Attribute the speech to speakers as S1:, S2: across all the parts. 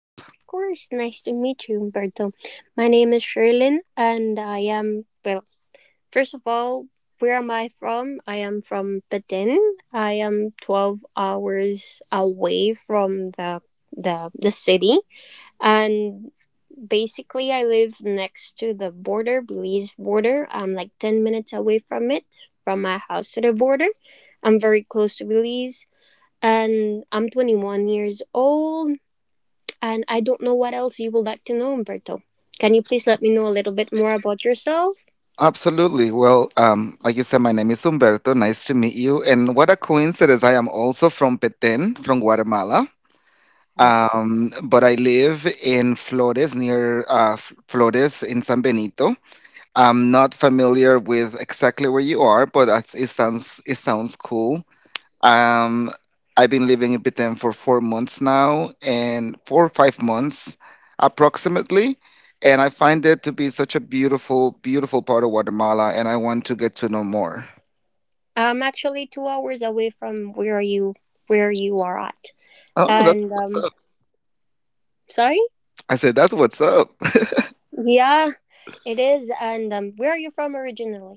S1: Yes, of course. Nice to meet you, Humberto. My name is Sherlyn, and first of all, where am I from? I am from Benin. I am 12 hours away from the city, and basically I live next to the border belize border I'm like 10 minutes away from it. From my house to the border, I'm very close to Belize, and I'm 21 years old, and I don't know what else you would like to know, Umberto. Can you please let me know a little bit more about yourself?
S2: Absolutely. Well, like you said, my name is Humberto. Nice to meet you. And what a coincidence. I am also from Petén, from Guatemala.
S1: Okay.
S2: But I live in Flores, near Flores in San Benito. I'm not familiar with exactly where you are, but it sounds cool. Um, I've been living in Vietnam for 4 months now, and 4 or 5 months approximately. And I find it to be such a beautiful, beautiful part of Guatemala, and I want to get to know more.
S1: I'm actually 2 hours away from where you are at.
S2: Oh, that's
S1: And
S2: what's up.
S1: sorry?
S2: I said, that's what's up.
S1: Yeah, it is. And where are you from originally?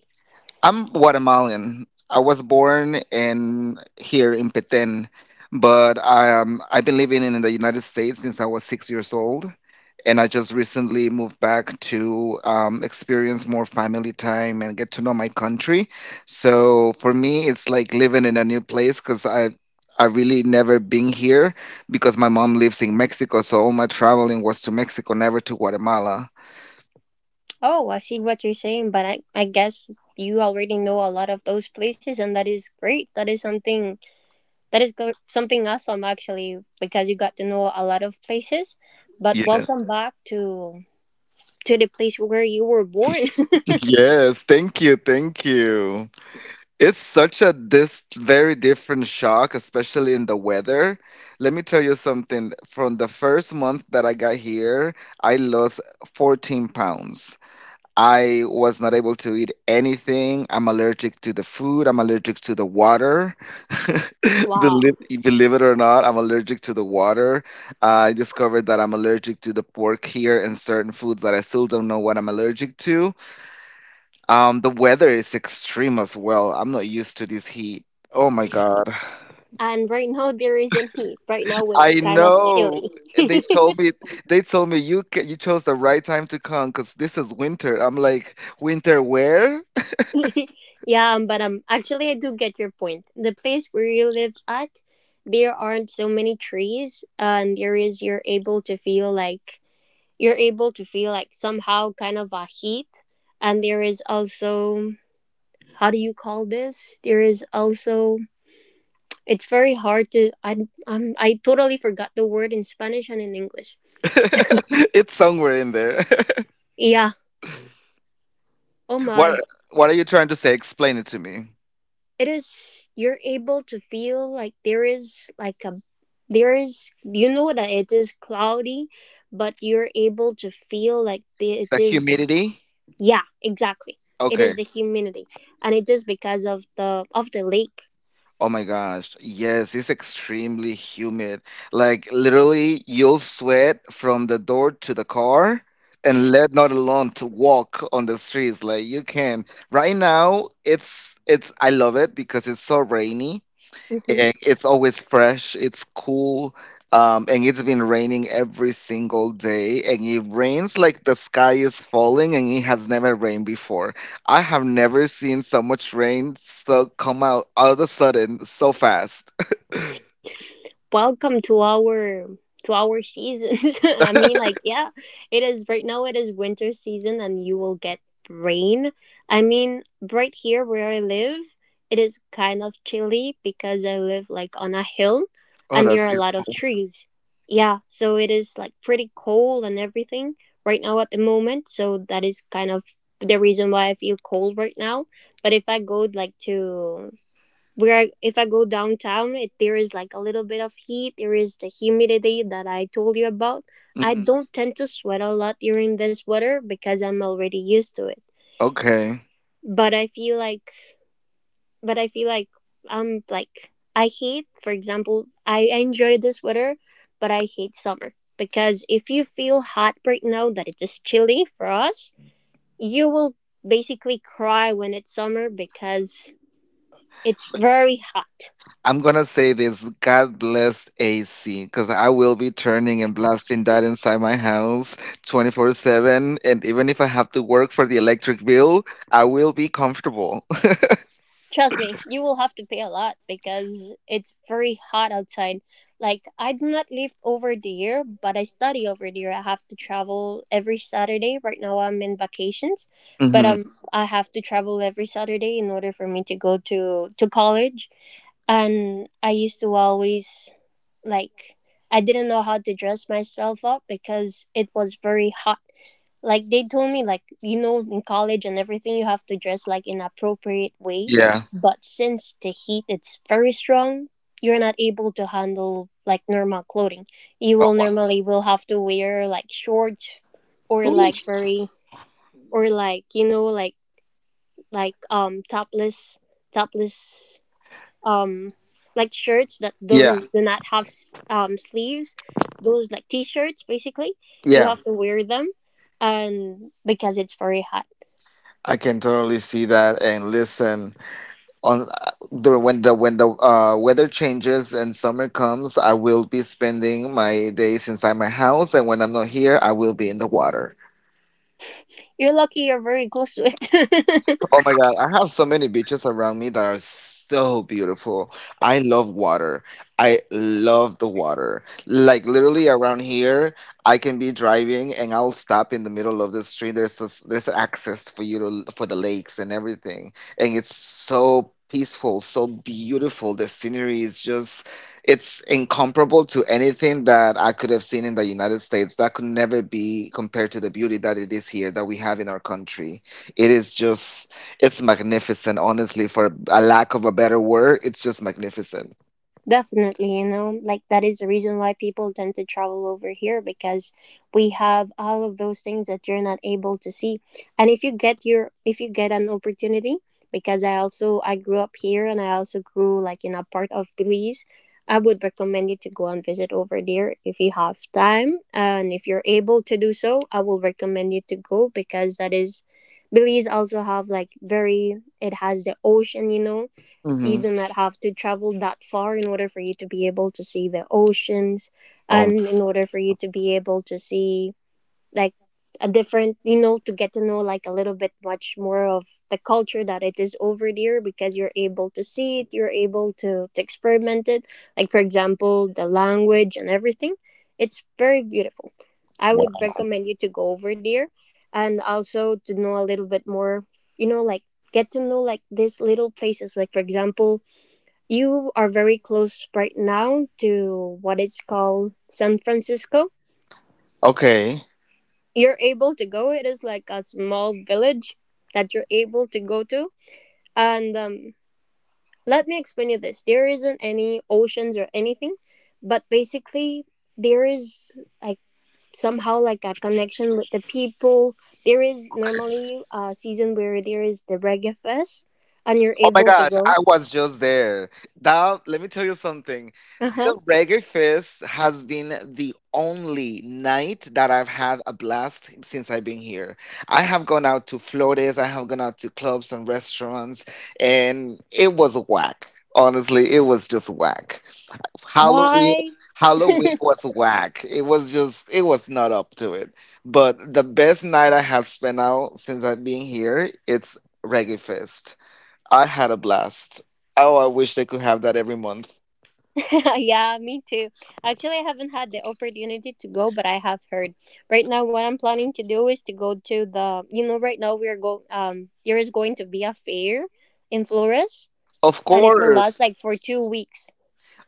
S2: I'm Guatemalan. I was born in here in Petén, but I've been living in the United States since I was 6 years old, and I just recently moved back to experience more family time and get to know my country. So for me, it's like living in a new place because I really never been here because my mom lives in Mexico, so all my traveling was to Mexico, never to Guatemala.
S1: Oh, I see what you're saying, but I guess you already know a lot of those places, and that is great. That is something that is something awesome, actually, because you got to know a lot of places. But
S2: Yeah.
S1: welcome back to the place where you were born.
S2: Yes, thank you, thank you. It's such a this very different shock, especially in the weather. Let me tell you something. From the first month that I got here, I lost 14 pounds. I was not able to eat anything. I'm allergic to the food. I'm allergic to the water.
S1: Wow.
S2: Believe, believe it or not, I'm allergic to the water. I discovered that I'm allergic to the pork here and certain foods that I still don't know what I'm allergic to. The weather is extreme as well. I'm not used to this heat. Oh my God.
S1: And right now there isn't heat. Right now it's
S2: I
S1: kind of
S2: know.
S1: chilly.
S2: They told me they told me you chose the right time to come because this is winter. I'm like, winter where?
S1: Yeah, but actually I do get your point. The place where you live at, there aren't so many trees, and there is you're able to feel like somehow kind of a heat, and there is also, how do you call this? There is also, it's very hard to, I totally forgot the word in Spanish and in English.
S2: It's somewhere in there.
S1: Yeah, oh
S2: What
S1: my.
S2: what are you trying to say? Explain it to me.
S1: It is, you're able to feel like there is like a, there is, you know that it is cloudy, but you're able to feel like it
S2: The
S1: is,
S2: humidity?
S1: yeah, exactly. It
S2: Okay.
S1: is the humidity. And it is because of the lake.
S2: Oh my gosh. Yes, it's extremely humid. Like literally you'll sweat from the door to the car and let not alone to walk on the streets like you can. Right now it's I love it because it's so rainy
S1: Mm-hmm.
S2: and it's always fresh. It's cool. And it's been raining every single day, and it rains like the sky is falling, and it has never rained before. I have never seen so much rain so come out all of a sudden so fast.
S1: Welcome to our seasons. I mean, like, yeah, it is. Right now it is winter season, and you will get rain. I mean, right here where I live, it is kind of chilly because I live like on a hill,
S2: Oh,
S1: and there
S2: that's
S1: are a lot of trees. Yeah, so it is like pretty cold and everything right now at the moment. So that is kind of the reason why I feel cold right now. But if I go like to if I go downtown, if there is like a little bit of heat, there is the humidity that I told you about. I
S2: beautiful. Mhm.
S1: don't tend to sweat a lot during this weather because I'm already used to it.
S2: Okay.
S1: But I feel like, but I feel like I'm like, I hate, for example, I enjoy this weather, but I hate summer because if you feel hot right now that it is chilly for us, you will basically cry when it's summer because it's
S2: But
S1: very hot.
S2: I'm gonna say this, God bless AC, because I will be turning and blasting that inside my house 24/7. And even if I have to work for the electric bill, I will be comfortable.
S1: Trust me, you will have to pay a lot because it's very hot outside. Like, I do not live over there, but I study over there. I have to travel every Saturday. Right now, I'm in vacations, but
S2: Hmm.
S1: I have to travel every Saturday in order for me to go to college. And I used to always, like, I didn't know how to dress myself up because it was very hot. Like, they told me, like, you know, in college and everything you have to dress like in appropriate way,
S2: Yeah.
S1: but since the heat it's very strong, you're not able to handle like normal clothing. You
S2: Oh,
S1: will normally will have to wear like shorts, or
S2: ooh,
S1: like very, or like, you know, topless, topless um like shirts that
S2: yeah.
S1: don't do not have sleeves, those like t-shirts. Basically, you
S2: Yeah.
S1: have to wear them, and because it's very hot,
S2: I can totally see that and listen on the when the when the weather changes and summer comes, I will be spending my days inside my house, and when I'm not here, I will be in the water.
S1: you're lucky you're very close to it.
S2: Oh my God, I have so many beaches around me that are so beautiful. I love water. I love the water. Like literally around here, I can be driving and I'll stop in the middle of the street. There's access for you to for the lakes and everything. And it's so peaceful, so beautiful. The scenery is just, it's incomparable to anything that I could have seen in the United States. That could never be compared to the beauty that it is here that we have in our country. It is just, it's magnificent, honestly, for a lack of a better word. It's just magnificent.
S1: Definitely, you know, like that is the reason why people tend to travel over here, because we have all of those things that you're not able to see. And if you get your, if you get an opportunity, because I grew up here, and I also grew like in a part of Belize, I would recommend you to go and visit over there if you have time, and if you're able to do so, I will recommend you to go, because that is, Belize also have like very, it has the ocean, you know, you
S2: Hmm.
S1: do not have to travel that far in order for you to be able to see the oceans,
S2: Um,
S1: and in order for you to be able to see like a different, you know, to get to know like a little bit much more of the culture that it is over there, because you're able to see it, you're able to, experiment it, like, for example, the language and everything, it's very beautiful. I
S2: wow.
S1: would recommend you to go over there, and also to know a little bit more, you know, like get to know like these little places, like, for example, you are very close right now to what is called San Francisco.
S2: Okay.
S1: You're able to go. It is like a small village that you're able to go to. And let me explain you this. There isn't any oceans or anything, but basically there is like somehow like a connection with the people. There is
S2: Okay.
S1: normally a season where there is the reggae fest, and you're
S2: Oh my
S1: able to
S2: gosh, I
S1: go.
S2: was just there. Now, let me tell you something.
S1: Uh huh.
S2: The Reggae Fest has been the only night that I've had a blast since I've been here. I have gone out to Flores, I have gone out to clubs and restaurants, and it was whack. Honestly, it was just whack. Halloween
S1: Why?
S2: Halloween was whack. It was just, it was not up to it. But the best night I have spent out since I've been here, it's Reggae Fest. I had a blast. Oh, I wish they could have that every month.
S1: Yeah, me too. Actually, I haven't had the opportunity to go, but I have heard. Right now, what I'm planning to do is to go to the. You know, right now we are go. There is going to be a fair in Flores,
S2: Of
S1: and it will last like for
S2: course.
S1: 2 weeks.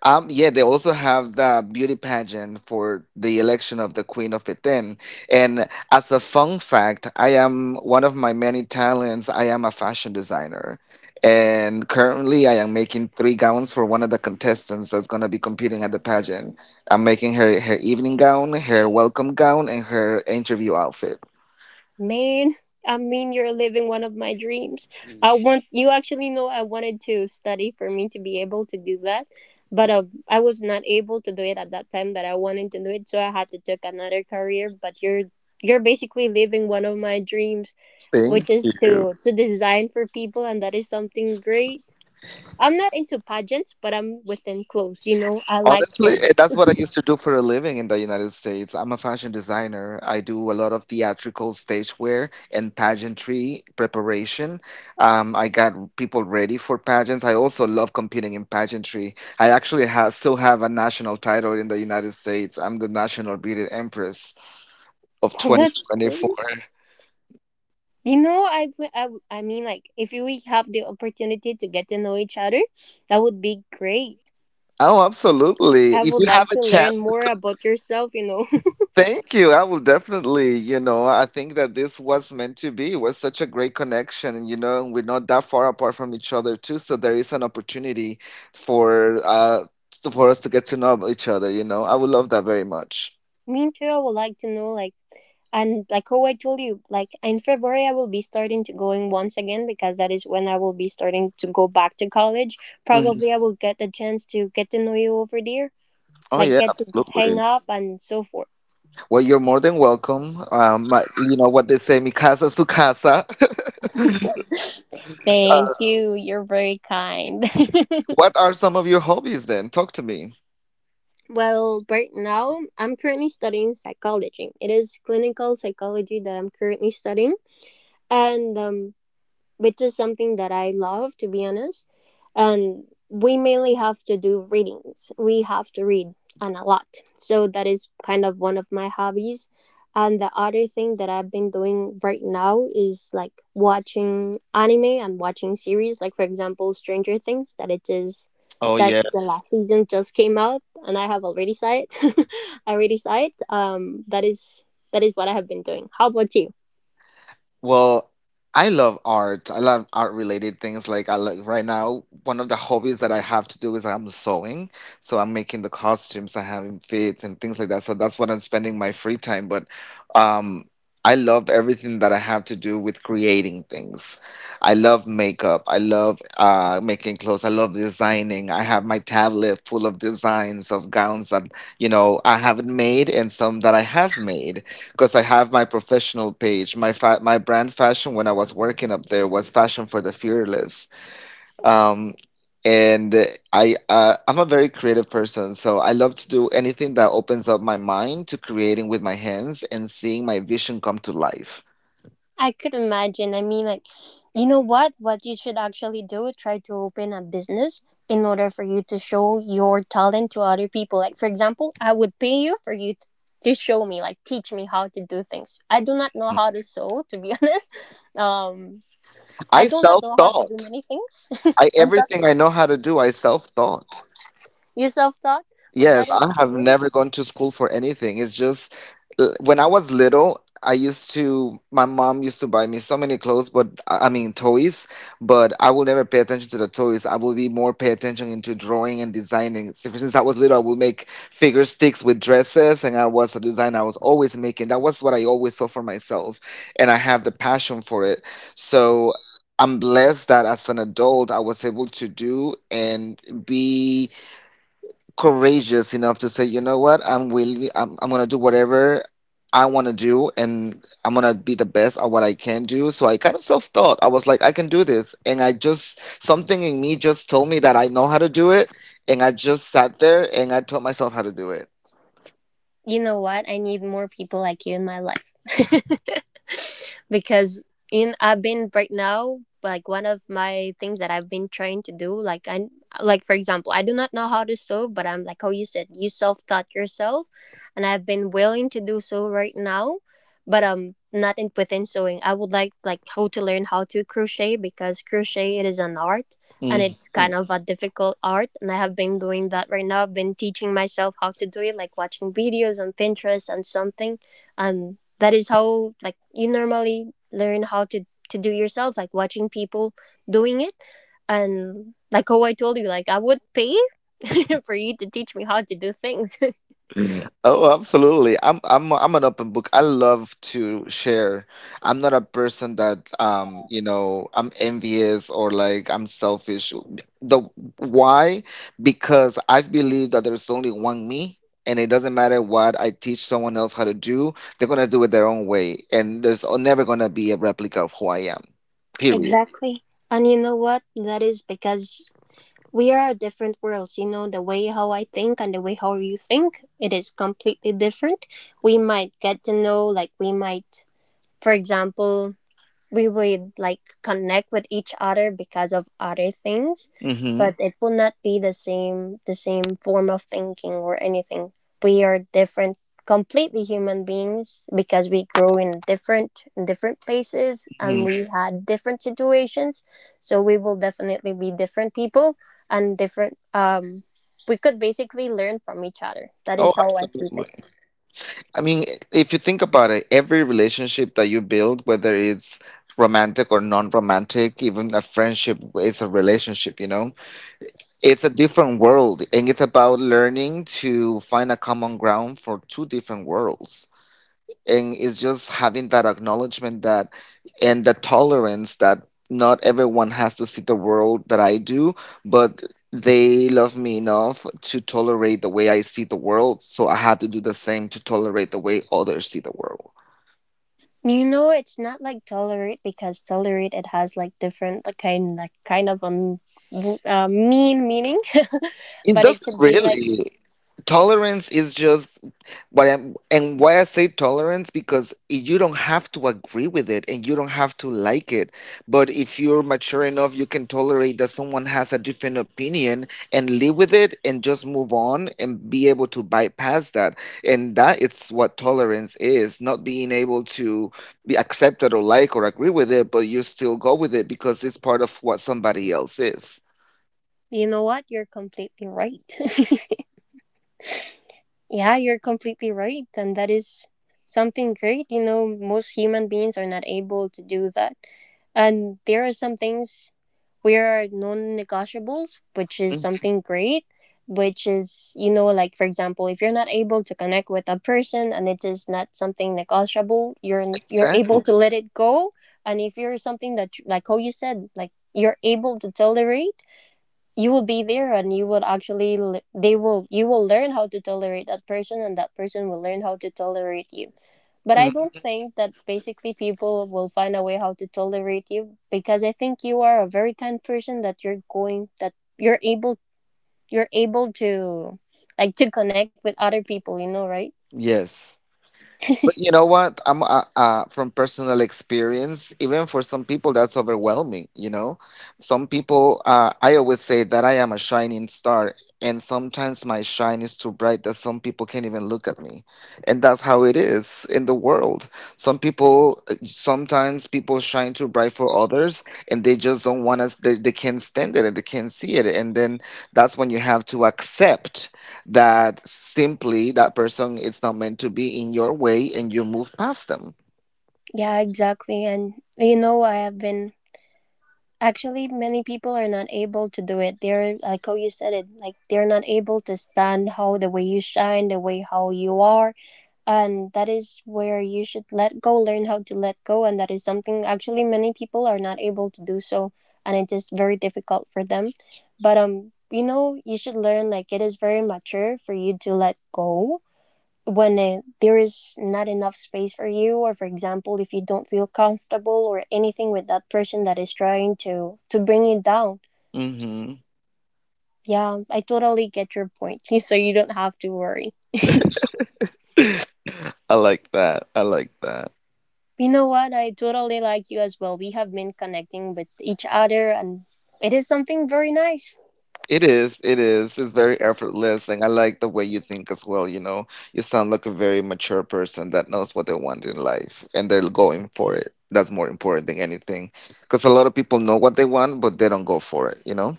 S2: Yeah, they also have the beauty pageant for the election of the Queen of Britain. And as a fun fact, I am one of my many talents. I am a fashion designer. And currently, I am making three gowns for one of the contestants that's going to be competing at the pageant. I'm making her evening gown, her welcome gown, and her interview outfit.
S1: Man, I mean, you're living one of my dreams. I want you, actually, know, I wanted to study for me to be able to do that, but I was not able to do it at that time that I wanted to do it, so I had to take another career. But you're basically living one of my dreams, which
S2: Thank
S1: is to
S2: you.
S1: design for people, and that is something great. I'm not into pageants, but I'm within clothes. You know, I like
S2: Honestly,
S1: clothes.
S2: that's what I used to do for a living in the United States. I'm a fashion designer. I do a lot of theatrical stage wear and pageantry preparation. I got people ready for pageants. I also love competing in pageantry. I actually ha still have a national title in the United States. I'm the National Beauty Empress of
S1: Well, that's
S2: 2024.
S1: great. You know, I mean, like, if we have the opportunity to get to know each other, that would be great.
S2: Oh, absolutely.
S1: I
S2: If
S1: would
S2: you have
S1: like
S2: a
S1: to learn
S2: chance to.
S1: more about yourself, you know.
S2: Thank you. I will definitely, I think that this was meant to be. It was such a great connection, and we're not that far apart from each other too, so there is an opportunity for for us to get to know each other. I would love that very much.
S1: Me too, I would like to know, like, and like how I told you, like, in February, I will be starting to going once again, because that is when I will be starting to go back to college.
S2: Mhm.
S1: Probably I will get the chance to get to know you over there,
S2: Oh
S1: like
S2: yeah,
S1: get to hang
S2: absolutely.
S1: up and so forth.
S2: Well, you're more than welcome. You know what they say, mi casa su casa.
S1: Thank
S2: Uh,
S1: you. You're very kind.
S2: what are some of your hobbies then? Talk to me.
S1: Well, right now, I'm currently studying psychology. It is clinical psychology that I'm currently studying. And which is something that I love, to be honest. And we mainly have to do readings. We have to read and a lot. So that is kind of one of my hobbies. And the other thing that I've been doing right now is like watching anime and watching series, like, for example, Stranger Things, that it is
S2: Oh
S1: that the
S2: yes.
S1: last season just came out, and I have already saw it. I already saw it. That is what I have been doing. How about you?
S2: Well, I love art. I love art related things. Like right now, one of the hobbies that I have to do is I'm sewing. So I'm making the costumes, I'm having fits and things like that. So that's what I'm spending my free time. But um I love everything that I have to do with creating things. I love makeup. I love making clothes. I love designing. I have my tablet full of designs of gowns that, I haven't made and some that I have made because I have my professional page. My brand fashion when I was working up there was fashion for the fearless. Um, and I'm a very creative person, so I love to do anything that opens up my mind to creating with my hands and seeing my vision come to life.
S1: I could imagine. I mean, like, you know what? What you should actually do, try to open a business in order for you to show your talent to other people. Like, for example, I would pay you for you to show me, like, teach me how to do things. I do not know how to sew, to be honest. Um, I
S2: I
S1: do not know how to do
S2: self-taught.
S1: many things.
S2: I
S1: I'm sorry.
S2: everything I know how to do, I self-taught.
S1: You self taught? Well, that
S2: Yes,
S1: is
S2: I have
S1: great.
S2: never gone to school for anything. It's just when I was little, my mom used to buy me so many clothes, but I mean toys, but I will never pay attention to the toys. I will be more pay attention into drawing and designing. So, since I was little, I will make figure sticks with dresses, and I was a designer. I was always making. That was what I always saw for myself, and I have the passion for it. So I'm blessed that as an adult, I was able to do and be courageous enough to say, you know what, I'm willing, I'm gonna do whatever I wanna do and I'm gonna be the best at what I can do. So I kind of self thought, I was like, I can do this. And something in me just told me that I know how to do it. And I just sat there and I taught myself how to do it.
S1: You know what? I need more people like you in my life. Because in I've been right now like one of my things that I've been trying to do, like, I, like, for example, I do not know how to sew, but I'm like, oh, you said you self-taught yourself, and I've been willing to do so right now, but not in within sewing. I would like how to learn how to crochet, because crochet, it is an art, and it's
S2: Mhm.
S1: kind of a difficult art, and I have been doing that right now. I've been teaching myself how to do it, like watching videos on Pinterest and something, and that is how like you normally learn how to do yourself, like watching people doing it. And like how I told you, like, I would pay for you to teach me how to do things.
S2: Oh, absolutely. I'm an open book. I love to share. I'm not a person that I'm envious or like I'm selfish. The why? Because I've believed that there's only one me, and it doesn't matter what I teach someone else how to do, they're gonna do it their own way, and there's never gonna be a replica of who I am. Period.
S1: Exactly. And you know what, that is because we are different worlds. You know, the way how I think and the way how you think, it is completely different. We might get to know, like, we might, for example, we would like connect with each other because of other things,
S2: Hmm.
S1: but it will not be the same, the same form of thinking or anything. We are different completely human beings because we grow in different, in different places, and
S2: Hmm.
S1: we had different situations, so we will definitely be different people and different. We could basically learn from each other. That
S2: Oh,
S1: is how I see
S2: absolutely.
S1: things.
S2: I mean, if you think about it, every relationship that you build, whether it's romantic or non-romantic, even a friendship is a relationship, you know? It's a different world, and it's about learning to find a common ground for two different worlds and it's just having that acknowledgement that and the tolerance that not everyone has to see the world that I do, but they love me enough to tolerate the way I see the world, so I have to do the same to tolerate the way others see the world.
S1: You know, it's not like tolerate, because tolerate it has like different, like, kind, kind of a meaning,
S2: It
S1: but it
S2: doesn't
S1: could be like,
S2: really. Tolerance is just what I'm, and why I say tolerance because you don't have to agree with it and you don't have to like it. But if you're mature enough, you can tolerate that someone has a different opinion and live with it and just move on and be able to bypass that. And that is what tolerance is, not being able to be accepted or like or agree with it, but you still go with it because it's part of what somebody else is.
S1: you know what, you're completely right. Yeah, you're completely right. And that is something great. You know, most human beings are not able to do that. And there are some things we are non negotiables, which is
S2: Mhm.
S1: something great. Which is, you know, like for example, if you're not able to connect with a person and it is not something negotiable, you're able
S2: Exactly.
S1: to let it go. And if you're something that, like how you said, like you're able to tolerate, you will be there and you will actually they will, you will learn how to tolerate that person, and that person will learn how to tolerate you. But I
S2: Mm,
S1: don't think that basically people will find a way how to tolerate you, because I think you are a very kind person, that you're going, that you're able, you're able to like to connect with other people, you know. Right,
S2: yes. But you know what? I'm from personal experience, even for some people, that's overwhelming. You know, some people. I always say that I am a shining star, and sometimes my shine is too bright that some people can't even look at me, and that's how it is in the world. Some people, sometimes people shine too bright for others, and they just don't want us. They can't stand it, and they can't see it, and then that's when you have to accept that simply that person is not meant to be in your way and you move past them.
S1: yeah, exactly. And you know, I have been. Actually, many people are not able to do it. They're like how you said it, like they're not able to stand how the way you shine, the way how you are, and that is where you should let go, learn how to let go, and that is something actually many people are not able to do so, and it is very difficult for them. But you know, you should learn, like it is very mature for you to let go when there is not enough space for you, or for example if you don't feel comfortable or anything with that person that is trying to bring you down.
S2: Hmm
S1: Yeah, I totally get your point. So you don't have to worry.
S2: I like that. I like that.
S1: You know what, I totally like you as well. We have been connecting with each other and it is something very nice.
S2: It is. It is. It's very effortless. And I like the way you think as well. You know, you sound like a very mature person that knows what they want in life and they're going for it. That's more important than anything. Because a lot of people know what they want, but they don't go for it. You know,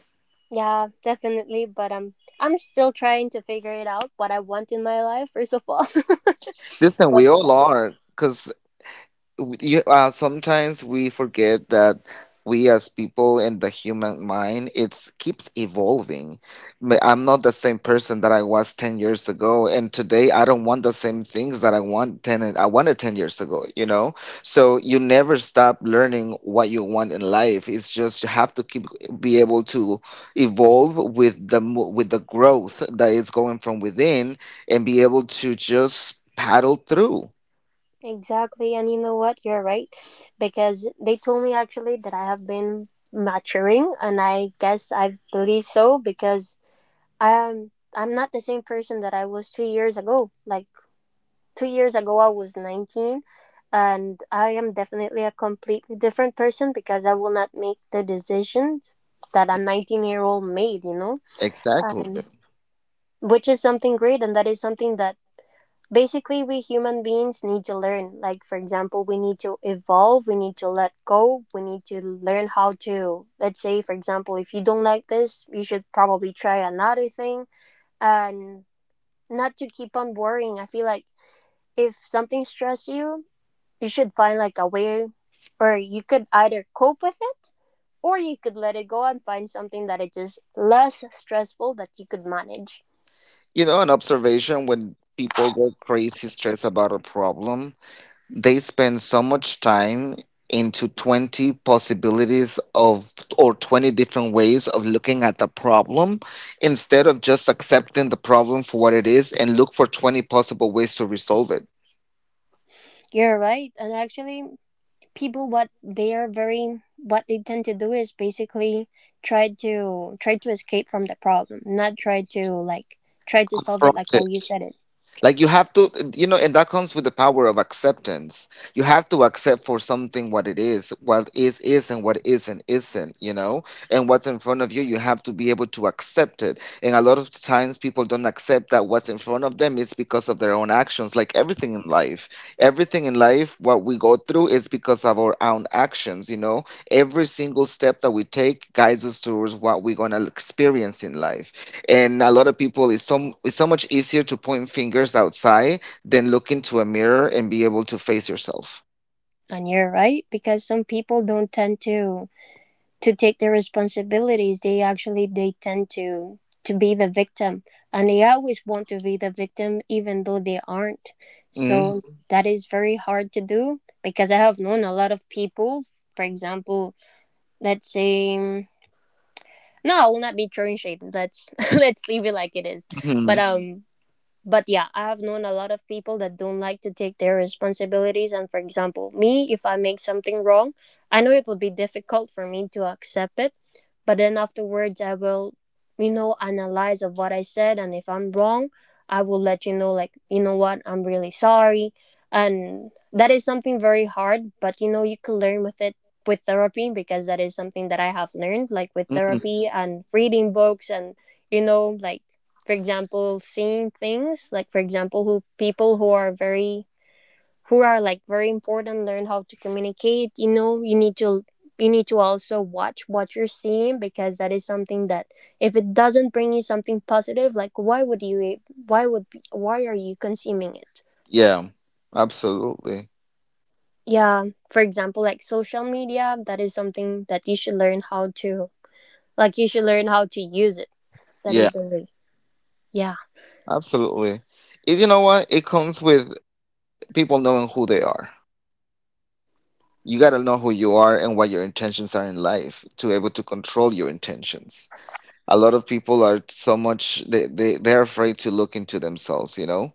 S1: Yeah, definitely. But I'm still trying to figure it out what I want in my life, first of all.
S2: listen,
S1: But
S2: we all are. Sometimes we forget that we as people in the human mind, it keeps evolving. I'm not the same person that I was 10 years ago, and today I don't want the same things that I want I wanted 10 years ago, you know? So you never stop learning what you want in life. It's just you have to keep be able to evolve with the with the growth that is going from within and be able to just paddle through.
S1: exactly, and you know what? You're right. Because they told me actually that I have been maturing, and I guess I believe so, because I'm not the same person that I was 2 years ago. Like 2 years ago, I was 19, and I am definitely a completely different person, because I will not make the decisions that a 19-year-old made. You know,
S2: Exactly.
S1: and which is something great, and that is something that basically we human beings need to learn. Like for example, we need to evolve, we need to let go, we need to learn how to, let's say for example, if you don't like this, you should probably try another thing and not to keep on worrying. I feel like if something stress you, you should find like a way, or you could either cope with it or you could let it go and find something that it is less stressful that you could manage.
S2: You know, an observation, when people go crazy stressed about a problem, they spend so much time into 20 possibilities of or 20 different ways of looking at the problem instead of just accepting the problem for what it is and look for 20 possible ways to resolve it.
S1: You're right. And actually people, what they are, very what they tend to do is basically try to try to escape from the problem, not try to like try to solve it,
S2: Confront
S1: like how
S2: it.
S1: you said it.
S2: Like you have to, you know, and that comes with the power of acceptance. You have to accept for something what it is, what is and what isn't, you know, and what's in front of you, you have to be able to accept it. And a lot of times people don't accept that what's in front of them is because of their own actions. Like everything in life, what we go through is because of our own actions, you know. Every single step that we take guides us towards what we're gonna experience in life, and a lot of people, it's so, it's so much easier to point fingers outside than look into a mirror and be able to face yourself.
S1: And you're right, because some people don't tend to take their responsibilities. They actually they tend to be the victim, and they always want to be the victim even though they aren't.
S2: Mm-hmm.
S1: So that is very hard to do, because I have known a lot of people. For example, let's say no, I will not be throwing shade, let's let's leave it like it is. But yeah, I have known a lot of people that don't like to take their responsibilities. And for example, me, if I make something wrong, I know it will be difficult for me to accept it. But then afterwards, I will, you know, analyze of what I said. And if I'm wrong, I will let you know, like, you know what, I'm really sorry. And that is something very hard, but you know, you can learn with it with therapy, because that is something that I have learned, like with
S2: hmm
S1: therapy and reading books, and you know, like for example seeing things, like for example who people who are very, who are like very important, learn how to communicate. You know, you need to, you need to also watch what you're seeing, because that is something that if it doesn't bring you something positive, like why would you, why would, why are you consuming it?
S2: yeah, absolutely.
S1: Yeah, for example like social media, that is something that you should learn how to, like you should learn how to use it. That
S2: Yeah,
S1: is the way. Yeah,
S2: absolutely it, you know what It comes with people knowing who they are. You got to know who you are and what your intentions are in life to be able to control your intentions. A lot of people are so much they they're afraid to look into themselves, you know,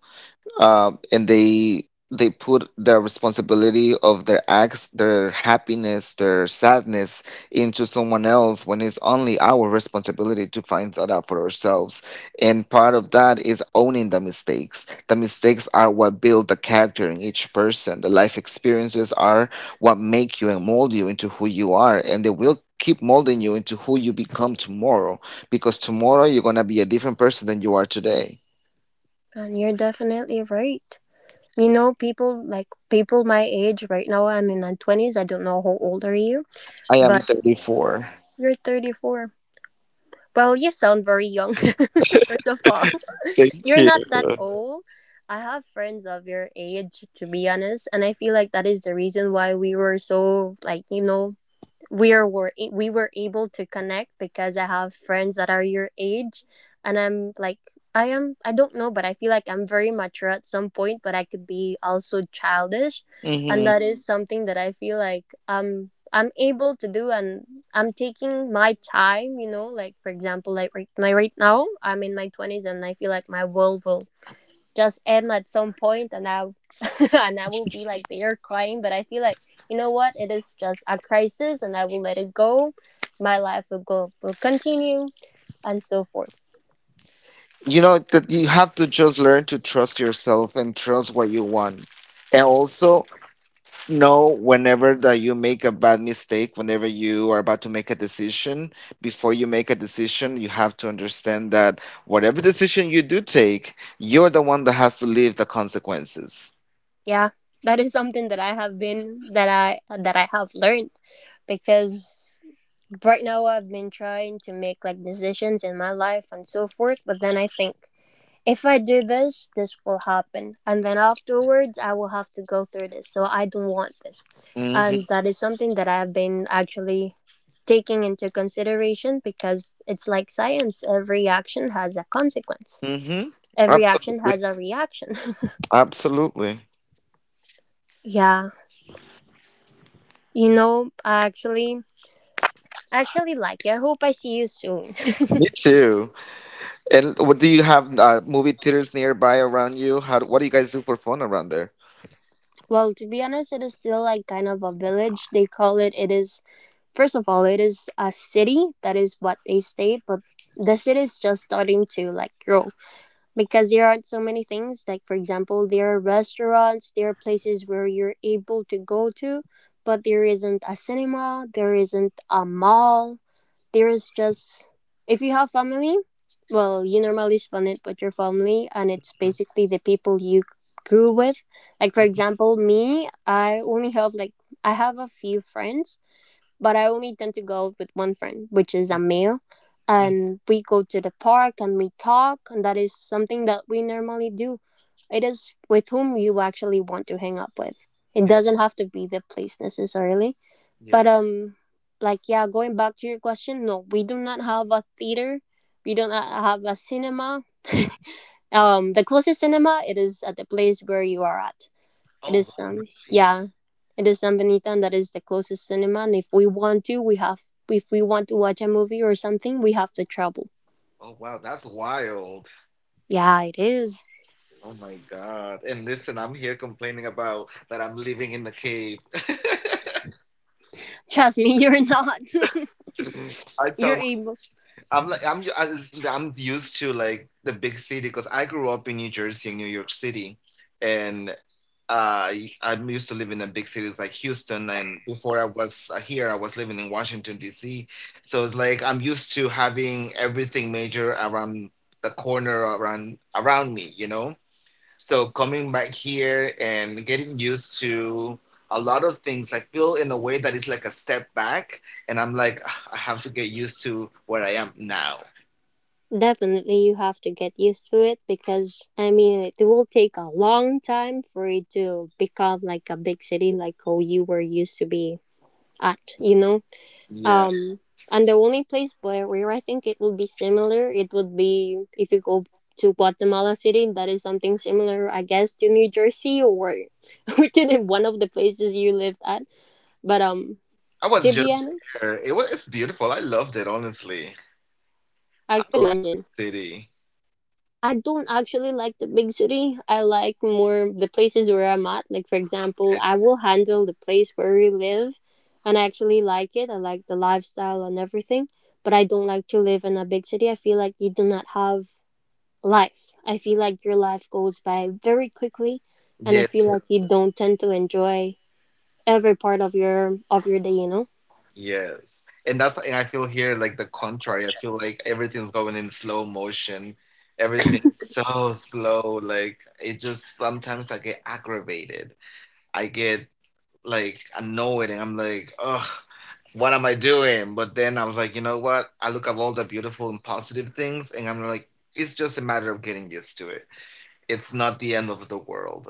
S2: and they put the responsibility of their acts, their happiness, their sadness into someone else when it's only our responsibility to find that out for ourselves. And part of that is owning the mistakes. The mistakes are what build the character in each person. The life experiences are what make you and mold you into who you are, and they will keep molding you into who you become tomorrow, because tomorrow you're going to be a different person than you are today.
S1: and you're definitely right. You know, people like people my age, right now I'm in my 20s. I don't know how old are you,
S2: I am
S1: but
S2: 34.
S1: you're 34. Well, you sound very young, first of all.
S2: Thank
S1: You're
S2: you.
S1: not that old. I have friends of your age, to be honest, and I feel like that is the reason why we were so, like, you know, we are, were, we were able to connect, because I have friends that are your age, and I'm like, I am, I don't know, but I feel like I'm very mature at some point, but I could be also childish, and
S2: Hmm
S1: that is something that I feel like I'm able to do, and I'm taking my time. You know, like for example, like right, my right now I'm in my twenties, and I feel like my world will just end at some point, and I and I will be like there crying, but I feel like, you know what, it is just a crisis, and I will let it go, my life will go, will continue, and so forth.
S2: You know that you have to just learn to trust yourself and trust what you want, and also know whenever that you make a bad mistake, whenever you are about to make a decision. Before you make a decision, you have to understand that whatever decision you do take, you're the one that has to live the consequences.
S1: Yeah, that is something that I have been, that I, that I have learned, because right now I've been trying to make like decisions in my life and so forth. But then I think, if I do this, this will happen. And then afterwards, I will have to go through this. So I don't want this.
S2: Hmm
S1: And that is something that I have been actually taking into consideration, because it's like science, every action has a consequence,
S2: hmm
S1: every action
S2: Absolutely.
S1: has a reaction.
S2: Absolutely.
S1: Yeah. You know, I actually like you. I hope I see you soon.
S2: Me too. And what do you have? Movie theaters nearby around you? How? What do you guys do for fun around there?
S1: Well, to be honest, it is still like kind of a village. They call it, it is, first of all, it is a city. That is what they state, but the city is just starting to like grow, because there are so many things. Like for example, there are restaurants, there are places where you're able to go to, but there isn't a cinema, there isn't a mall. There is just, if you have family, well, you normally spend it with your family, and it's basically the people you grew with. Like for example, me, I only have like, I have a few friends, but I only tend to go with one friend, which is Amil. And we go to the park and we talk, and that is something that we normally do. It is with whom you actually want to hang up with. It doesn't have to be the place necessarily.
S2: Yeah.
S1: But like yeah, going back to your question, no, we do not have a theater. We do not have a cinema. The closest cinema it is at the place where you are at. It
S2: Oh,
S1: is
S2: wow, really?
S1: yeah, it is San Benito, and that is the closest cinema. And if we want to, we have, if we want to watch a movie or something, we have to travel.
S2: Oh, wow, that's wild.
S1: Yeah, it is.
S2: Oh my God. And listen, I'm here complaining about that I'm living in the cave.
S1: Trust me, you're not.
S2: I tell
S1: You're
S2: my,
S1: able.
S2: I'm like, I'm used to like the big city because I grew up in New Jersey and New York City. And uh, I'm used to living in big cities like Houston. And before I was here, I was living in Washington, D.C. So it's like I'm used to having everything major around the corner around me, you know? So coming back here and getting used to a lot of things, I feel in a way that is like a step back, and I'm like, "Ah, I have to get used to where I am now.
S1: Definitely, you have to get used to it, because I mean, it will take a long time for it to become like a big city like how you were used to be at. You know.
S2: Yeah,
S1: Um, and the only place where, I think it would be similar, it would be if you go to Guatemala City. That is something similar, I guess, to New Jersey, or or to the one of the places you lived at. But
S2: I
S1: to
S2: was
S1: be
S2: just
S1: honest,
S2: there. It's beautiful. I loved it, honestly.
S1: I could
S2: I like the
S1: imagine.
S2: city.
S1: I don't actually like the big city. I like more the places where I'm at. Like for example, I will handle the place where we live, and I actually like it. I like the lifestyle and everything, but I don't like to live in a big city. I feel like you do not have life. I feel like your life goes by very quickly and I
S2: Yes,
S1: feel
S2: it
S1: like you
S2: does.
S1: don't tend to enjoy every part of your day, you know?
S2: Yes, and that's, and I feel here like the contrary. I feel like everything's going in slow motion. Everything's so slow. Like it just sometimes I get aggravated. I get like annoyed and I'm like, ugh, what am I doing? But then I was like, you know what? I look at all the beautiful and positive things and I'm like, it's just a matter of getting used to it. It's not the end of the world.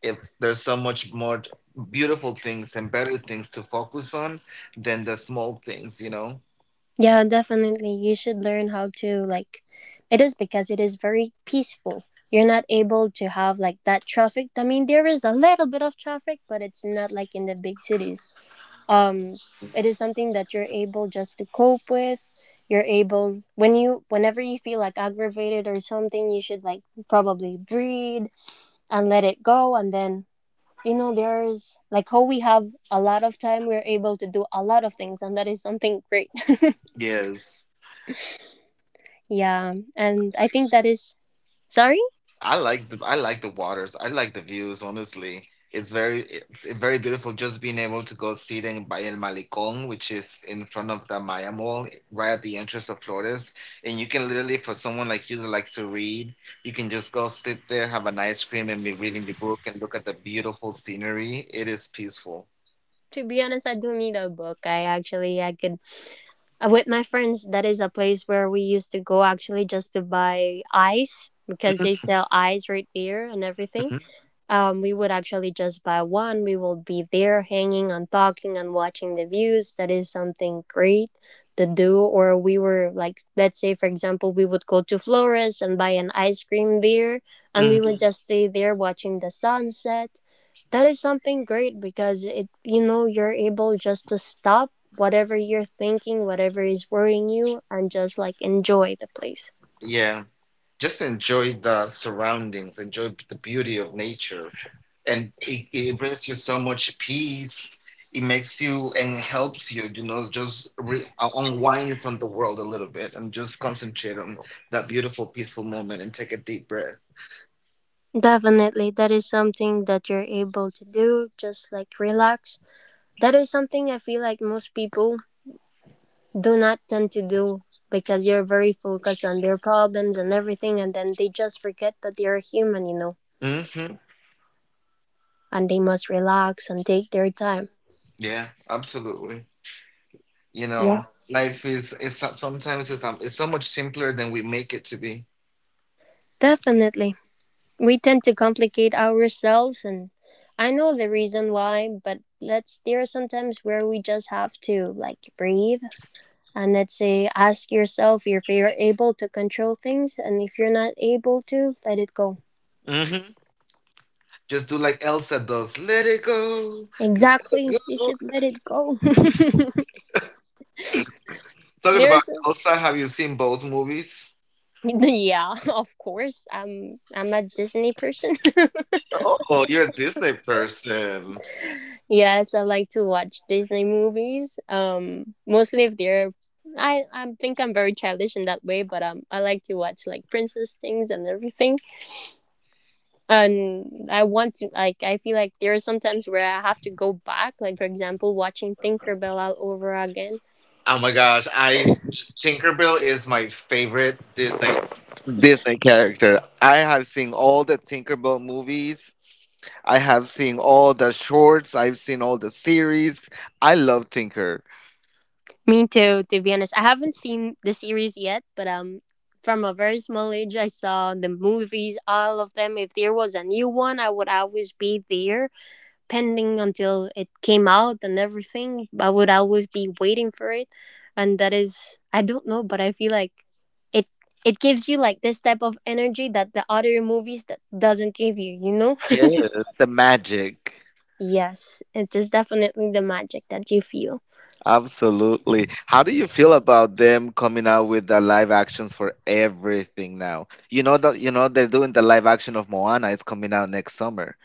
S2: If there's so much more beautiful things and better things to focus on than the small things, you know?
S1: Yeah, definitely. You should learn how to like it, is because it is very peaceful. You're not able to have like that traffic. I mean, there is a little bit of traffic, but it's not like in the big cities. Um it is something that you're able just to cope with. You're able when you whenever you feel like aggravated or something, you should like probably breathe and let it go, and then you know there's like how we have a lot of time, we're able to do a lot of things, and that is something great.
S2: Yes.
S1: Yeah, and I think that is, sorry,
S2: I like the waters. I like the views, honestly. It's very very beautiful just being able to go sit in Valle del Malecón, which is in front of the Maya Mall, right at the entrance of Flores. And you can literally, for someone like you that likes to read, you can just go sit there, have an ice cream, and be reading the book and look at the beautiful scenery. It is peaceful.
S1: to be honest, I do need a book. I actually, I could with my friends, that is a place where we used to go actually just to buy ice, because they sell ice right there and everything.
S2: Mhm,
S1: We would actually just buy one. We will be there hanging and talking and watching the views. That is something great to do. Or we were like, let's say, for example, we would go to Flores and buy an ice cream there and
S2: mhm.
S1: we would just stay there watching the sunset. That is something great because it, you're able just to stop whatever you're thinking, whatever is worrying you, and just like enjoy the place.
S2: Yeah, just enjoy the surroundings, enjoy the beauty of nature. And it brings you so much peace. It makes you and helps you, you know, just unwind from the world a little bit and just concentrate on that beautiful, peaceful moment and take a deep breath.
S1: Definitely, that is something that you're able to do, just like relax. That is something I feel like most people do not tend to do because you're very focused on their problems and everything, and then they just forget that they're human,
S2: Hmm
S1: and they must relax and take their time.
S2: yeah, absolutely. You know,
S1: Yes.
S2: life sometimes it's so much simpler than we make it to be.
S1: Definitely. We tend to complicate ourselves, and I know the reason why, but let's, there are sometimes where we just have to like breathe and let's say ask yourself if you're able to control things, and if you're not able to, let it go.
S2: Hmm just do like Elsa does, let it go, let
S1: Exactly.
S2: it
S1: You
S2: go.
S1: should let it go.
S2: Talking about
S1: There's
S2: Elsa, have you seen both movies?
S1: yeah, of course. I'm a Disney person.
S2: Oh, you're a Disney person.
S1: Yes, I like to watch Disney movies. Mostly if they're I think I'm very childish in that way, but I like to watch like princess things and everything. And I want to like, I feel like there are some times where I have to go back, like for example watching Tinkerbell all over again.
S2: Oh my gosh, I Tinkerbell is my favorite Disney character. I have seen all the Tinkerbell movies. I have seen all the shorts. I've seen all the series. I love Tinker.
S1: Me too, to be honest. I haven't seen the series yet, but from a very small age I saw the movies, all of them. If there was a new one, I would always be there, pending until it came out and everything. I would always be waiting for it. And that is, I don't know, but I feel like it it gives you like this type of energy that the other movies that doesn't give you, you know?
S2: Yes, the magic.
S1: Yes, it is definitely the magic that you feel.
S2: Absolutely. How do you feel about them coming out with the live actions for everything now? You know that, you know, they're doing the live action of Moana is coming out next summer.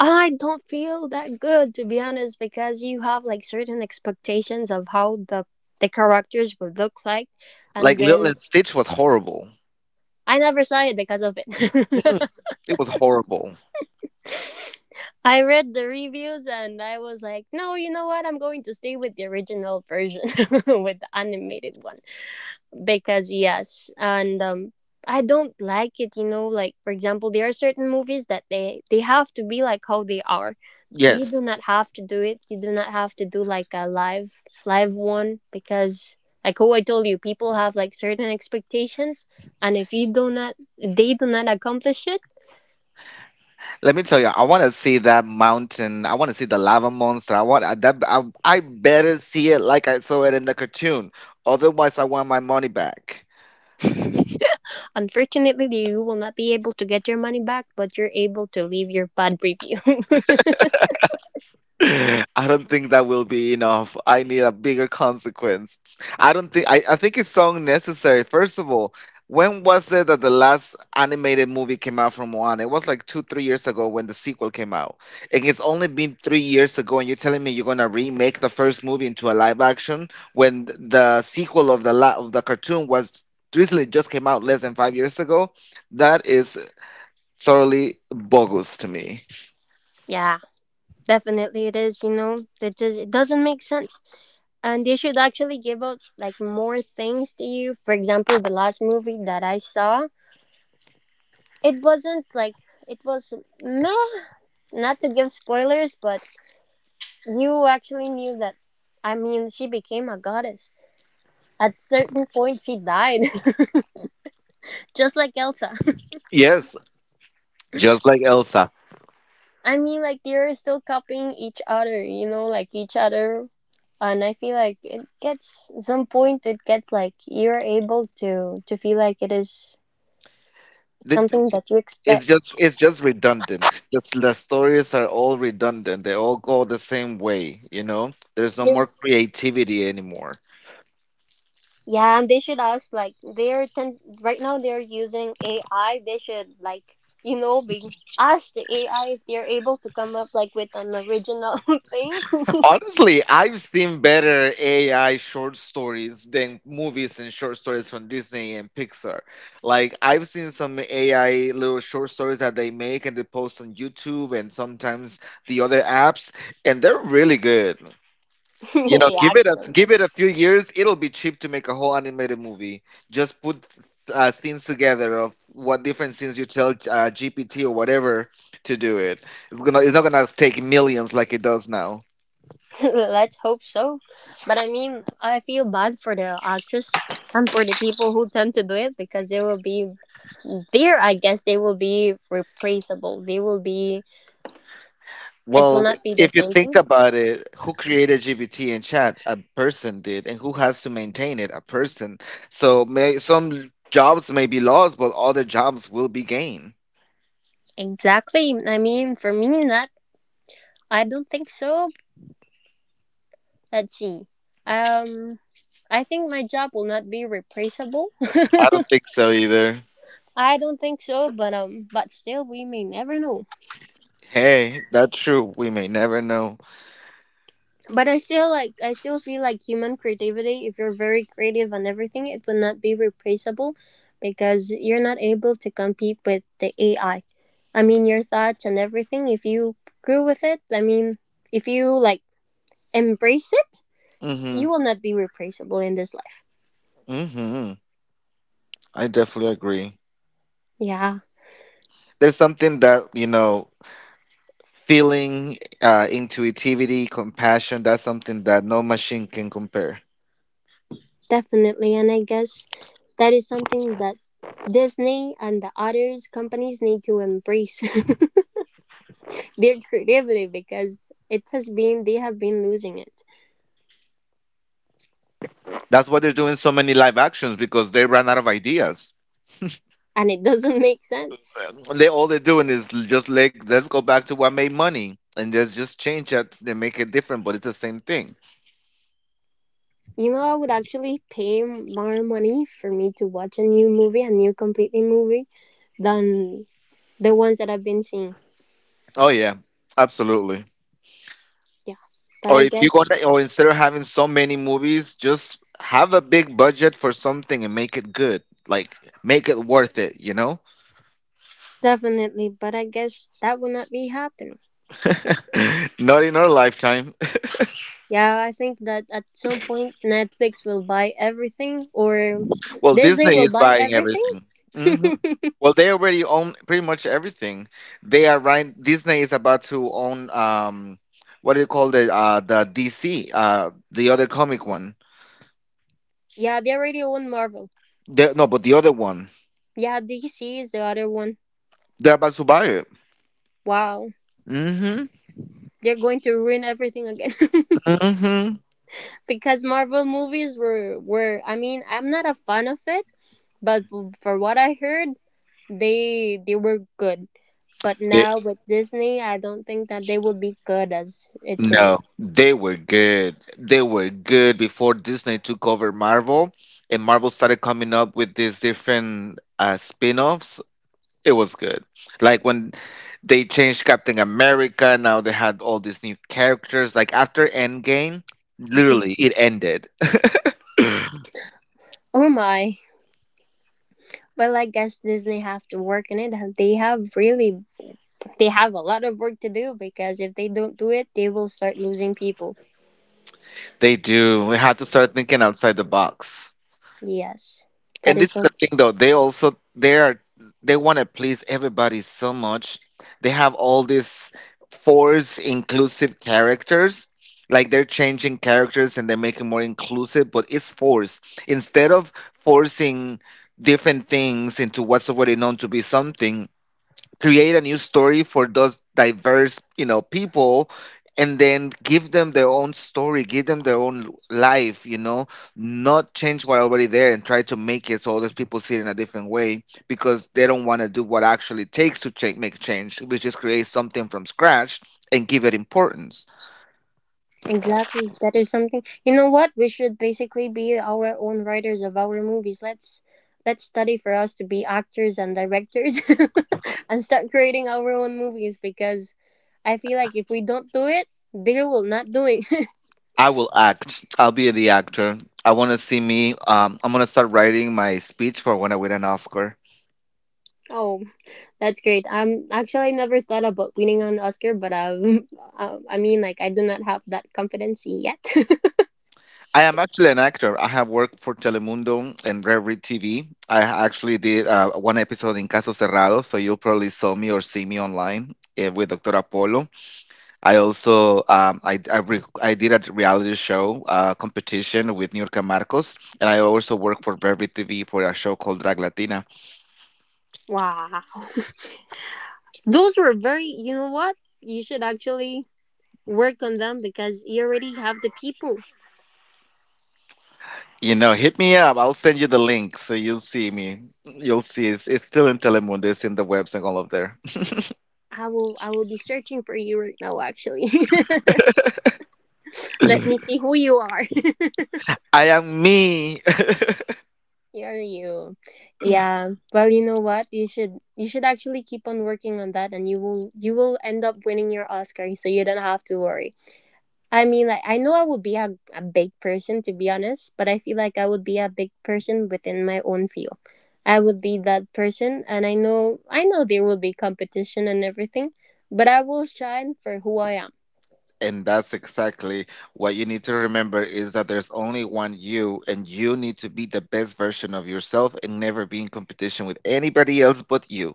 S1: I don't feel that good, to be honest, because you have like certain expectations of how the characters will look like,
S2: Like
S1: and
S2: Lilo
S1: then
S2: and Stitch was horrible.
S1: I never saw it because of
S2: Mm,
S1: it.
S2: it was horrible.
S1: I read the reviews and I was like, no, you know what? I'm going to stay with the original version, with the animated one. Because yes, and I don't like it, you know, like for example there are certain movies that they have to be like how they are. You do not
S2: Yes.
S1: have to do it. You do not have to do like a live one, because like how I told you, people have like certain expectations, and if you do not, they do not accomplish it.
S2: Let me tell you, I want to see that mountain. I want to see the lava monster. That. I better see it like I saw it in the cartoon. Otherwise, I want my money back.
S1: Unfortunately you will not be able to get your money back, but you're able to leave your bad review.
S2: I don't think that will be enough. I need a bigger consequence. I don't think I think it's so unnecessary. First of all, when was it that the last animated movie came out from Moana? It was like two, 3 years ago when the sequel came out. And it's only been 3 years ago, and you're telling me you're gonna remake the first movie into a live action when the sequel of the of the cartoon was recently just came out less than 5 years ago? That is totally bogus to me.
S1: Yeah. Definitely it is, you know. It doesn't make sense. And they should actually give out like more things to you. For example, the last movie that I saw, it wasn't like, it was meh, not to give spoilers, but you actually knew that, I mean, she became a goddess. At certain point she died. Just like Elsa.
S2: Yes, just like Elsa.
S1: I mean, like, they're still copying each other, you know, like each other, and I feel like it gets, at some point it gets like you're able to feel like it is
S2: The,
S1: something that you
S2: it's
S1: expect.
S2: just redundant. The stories are all redundant. They all go the same way, you know? There's no
S1: Yeah,
S2: more creativity anymore.
S1: yeah. And they should ask, like, they're ten, right now they're using AI, they should like, you know, be ask the AI if they're able to come up like with an original thing.
S2: Honestly, I've seen better AI short stories than movies and short stories from Disney and Pixar. Like I've seen some AI little short stories that they make and they post on YouTube and sometimes the other apps, and they're really good. You know,
S1: Yeah,
S2: give
S1: I.
S2: it a few years. It'll be cheap to make a whole animated movie. Just put scenes together of what different scenes you tell GPT or whatever to do it. It's gonna, it's not gonna take millions like it does now.
S1: Let's hope so. But I mean, I feel bad for the actress and for the people who tend to do it, because they will be there. I guess they will be replaceable. They will be. It will
S2: Well,
S1: not be the
S2: if you
S1: same thing.
S2: think about it, who created GPT and chat? A person did, and who has to maintain it? A person. So some jobs may be lost, but other jobs will be gained.
S1: Exactly. I mean, for me, not. I don't think so. Let's see. Um, I think my job will not be replaceable.
S2: I don't think so either.
S1: I don't think so. But still, we may never know.
S2: Hey, that's true. We may never know.
S1: But I still like, I still feel like human creativity, if you're very creative on everything, it will not be replaceable, because you're not able to compete with the AI. I mean your thoughts and everything, if you grew with it, I mean if you like embrace it,
S2: Hmm.
S1: you will not be replaceable in this life.
S2: hmm I definitely agree.
S1: Yeah,
S2: There's something that, you know, feeling, intuitivity, compassion, that's something that no machine can compare.
S1: definitely. And I guess that is something that Disney and the others companies need to embrace their creativity, because it has been, they have been losing it.
S2: That's why they're doing so many live actions because they ran out of ideas.
S1: And it doesn't make sense.
S2: They all they're doing is just like let's go back to what made money and there's just change that they make it different, but it's the same thing.
S1: You know, I would actually pay more money for me to watch a new movie, a new completely movie, than the ones that I've been seeing.
S2: Oh yeah, absolutely.
S1: Yeah, but
S2: Or
S1: I
S2: if you
S1: guess
S2: gonna, or instead of having so many movies, just have a big budget for something and make it good. Like make it worth it, you know?
S1: definitely, but I guess that will not be happening.
S2: Not in our lifetime.
S1: Yeah, I think that at some point Netflix will buy everything, or
S2: Well,
S1: Disney
S2: Disney
S1: will
S2: is
S1: buy
S2: buying
S1: everything.
S2: everything. hmm Well, they already own pretty much everything. They are right. Disney is about to own what do you call the DC the other comic one.
S1: Yeah, they already own Marvel.
S2: No, but the other one.
S1: Yeah, DC is the other one.
S2: They're about to buy it.
S1: Wow,
S2: Mm-hmm.
S1: they're going to ruin everything again.
S2: Mm-hmm.
S1: Because Marvel movies were, I mean, I'm not a fan of it, but for what I heard, they were good. But now with Disney, I don't think that they will be good as it is.
S2: No, they were good. They were good before Disney took over Marvel, and Marvel started coming up with these different spin-offs. It was good. Like when they changed Captain America, now they had all these new characters. Like after Endgame, literally it ended.
S1: Oh my. Well, I guess Disney have to work in it. They have really, they have a lot of work to do, because if they don't do it, they will start losing people.
S2: They do. We have to start thinking outside the box.
S1: Yes. That
S2: And
S1: is
S2: this is
S1: so,
S2: the thing though, they also they are they want to please everybody so much. They have all these force inclusive characters. Like they're changing characters and they're making more inclusive, but it's forced. Instead of forcing different things into what's already known to be something, create a new story for those diverse, you know, people, and then give them their own story, give them their own life, you know, not change what already there and try to make it so all those people see it in a different way, because they don't want to do what actually takes to change, make change, which is create something from scratch and give it importance.
S1: exactly. That is something. You know what? We should basically be our own writers of our movies. Let's study for us to be actors and directors and start creating our own movies, because I feel like if we don't do it, they will not do it.
S2: I will act, I'll be the actor. I want to see me. I'm going to start writing my speech for when I win an Oscar.
S1: Oh, that's great. Actually I never thought about winning an Oscar, but I mean like I do not have that confidence yet.
S2: I am actually an actor. I have worked for Telemundo and Rare TV. I actually did one episode in Caso Cerrado, so you will probably saw me or see me online with Dr. Apollo. I also I did a reality show competition with Nurka Marcos, and I also work for Rare TV for a show called Drag Latina.
S1: Wow. Those were very, you know what? You should actually work on them because you already have the people.
S2: You know, hit me up. I'll send you the link so you'll see me. You'll see it's still in Telemundo. It's in the webs and all of there.
S1: I will be searching for you right now actually. Let me see who you are.
S2: I am me.
S1: You're you. Yeah. Well, you know what? You should actually keep on working on that and you will, you will end up winning your Oscar, so you don't have to worry. I mean, like, I know I would be a big person, to be honest, but I feel like I would be a big person within my own field. I would be that person, and I know, I know there will be competition and everything, but I will shine for who I am,
S2: And that's exactly what you need to remember, is that there's only one you, and you need to be the best version of yourself and never be in competition with anybody else but you.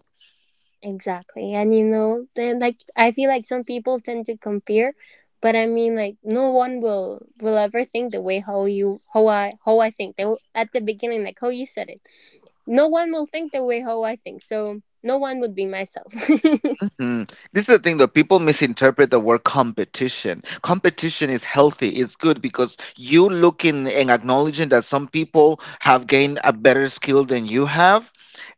S1: exactly. And you know, then like I feel like some people tend to compare, but I mean, like, no one will ever think the way how you how I think. They will, at the beginning, like how you said it, no one will think the way how I think, so no one would be myself.
S2: Mhm. This is the thing that people misinterpret the word competition. Competition is healthy, it's good, because you looking and acknowledging that some people have gained a better skill than you have.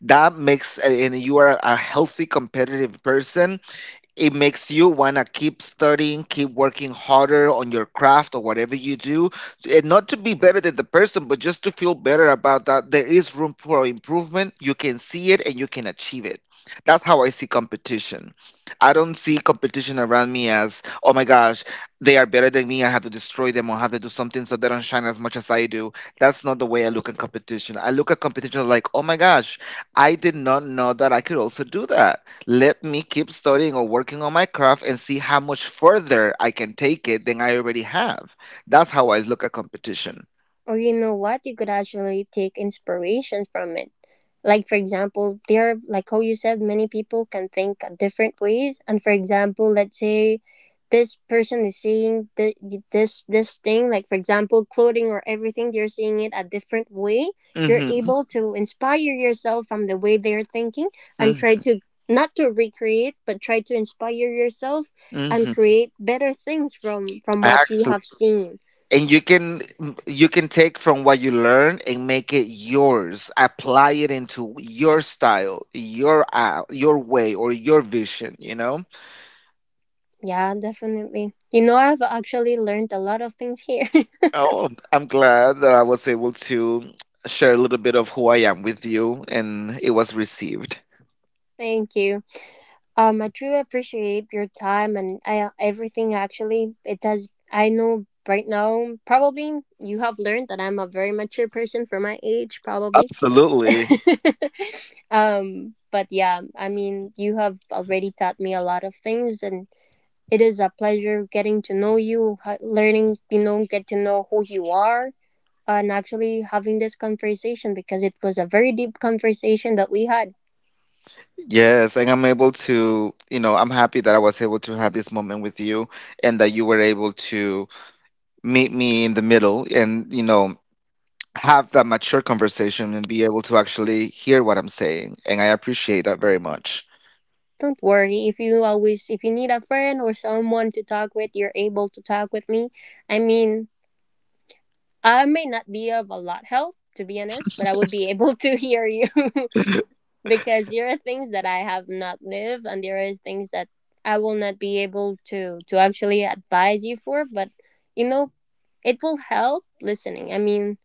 S2: That makes, and you are a healthy competitive person, it makes you want to keep studying, keep working harder on your craft or whatever you do, and not to be better than the person, but just to feel better about that. There is room for improvement. You can see it and you can achieve it. That's how I see competition. I don't see competition around me as, oh my gosh, they are better than me. I have to destroy them or have to do something so they don't shine as much as I do. That's not the way I look at competition. I look at competition like, oh my gosh, I did not know that I could also do that. Let me keep studying or working on my craft and see how much further I can take it than I already have. That's how I look at competition.
S1: Or you know what, you could actually take inspiration from it. Like for example, there are like how you said, many people can think different ways, and for example let's say this person is seeing the, this thing, like for example clothing or everything, they're seeing it a different way. You're
S2: hmm
S1: able to inspire yourself from the way they're thinking and try
S2: Mm-hmm.
S1: to not to recreate, but try to inspire yourself and
S2: Mm-hmm.
S1: create better things from what you
S2: Actually,
S1: have seen.
S2: and you can take from what you learn and make it yours. Apply it into your style, your way, or your vision. You know.
S1: Yeah, definitely. You know, I've actually learned a lot of things here.
S2: Oh, I'm glad that I was able to share a little bit of who I am with you, and it was received.
S1: Thank you. I truly appreciate your time and everything. Actually, it does. I know right now, probably you have learned that I'm a very mature person for my age, probably.
S2: Absolutely.
S1: But yeah, I mean, you have already taught me a lot of things, and it is a pleasure getting to know you, learning, you know, get to know who you are, and actually having this conversation, because it was a very deep conversation that we had.
S2: Yes, and I'm able to, you know, I'm happy that I was able to have this moment with you and that you were able to meet me in the middle and, you know, have that mature conversation and be able to actually hear what I'm saying. And I appreciate that very much.
S1: Don't worry, if you need a friend or someone to talk with, you're able to talk with me. I mean, I may not be of a lot help, to be honest, but I would be able to hear you because there are things that I have not lived and there are things that I will not be able to actually advise you for, but you know, it will help listening. I mean,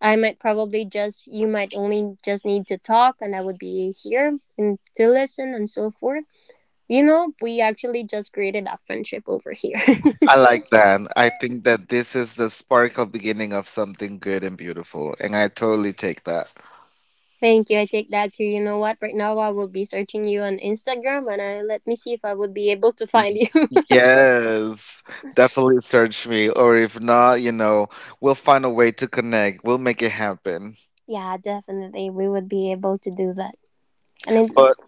S1: I might probably just, you might only just need to talk and I would be here and to listen and so forth. You know, we actually just created that friendship over here.
S2: I like that. I think that this is the spark of beginning of something good and beautiful, and I totally take that.
S1: Thank you. I take that to, you know what, right now I will be searching you on Instagram and let me see if I would be able to find
S2: Y-
S1: you.
S2: Yes, definitely search me, or if not, you know, we'll find a way to connect. We'll make it happen.
S1: Yeah, definitely. We would be able to do that. And
S2: But.
S1: it,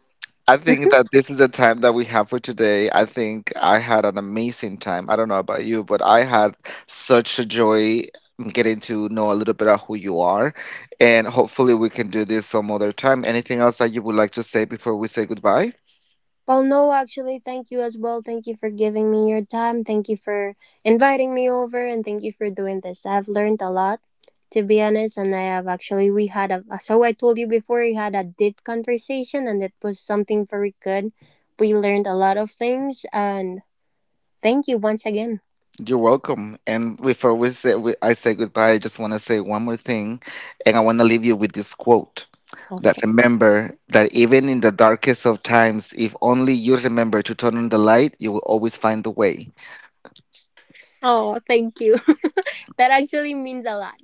S2: I think that this is the time that we have for today. I think I had an amazing time. I don't know about you, but I had such a joy getting to know a little bit of who you are. And hopefully, we can do this some other time. Anything else that you would like to say before we say goodbye?
S1: well, no, actually, thank you as well. Thank you for giving me your time. Thank you for inviting me over and thank you for doing this. I've learned a lot, to be honest, and I have actually, we had a, so I told you before, we had a deep conversation and it was something very good. We learned a lot of things, and thank you once again.
S2: You're welcome. And before I say goodbye, I just want to say one more thing, and I want to leave you with this quote. That
S1: Okay.
S2: remember that even in the darkest of times, if only you remember to turn on the light, you will always find the way.
S1: Oh, thank you. That actually means a lot.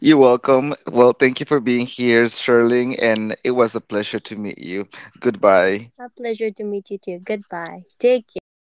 S2: You're welcome. Well, thank you for being here, Sherling, and it was a pleasure to meet you. Goodbye.
S1: A pleasure to meet you too. Goodbye. Take care.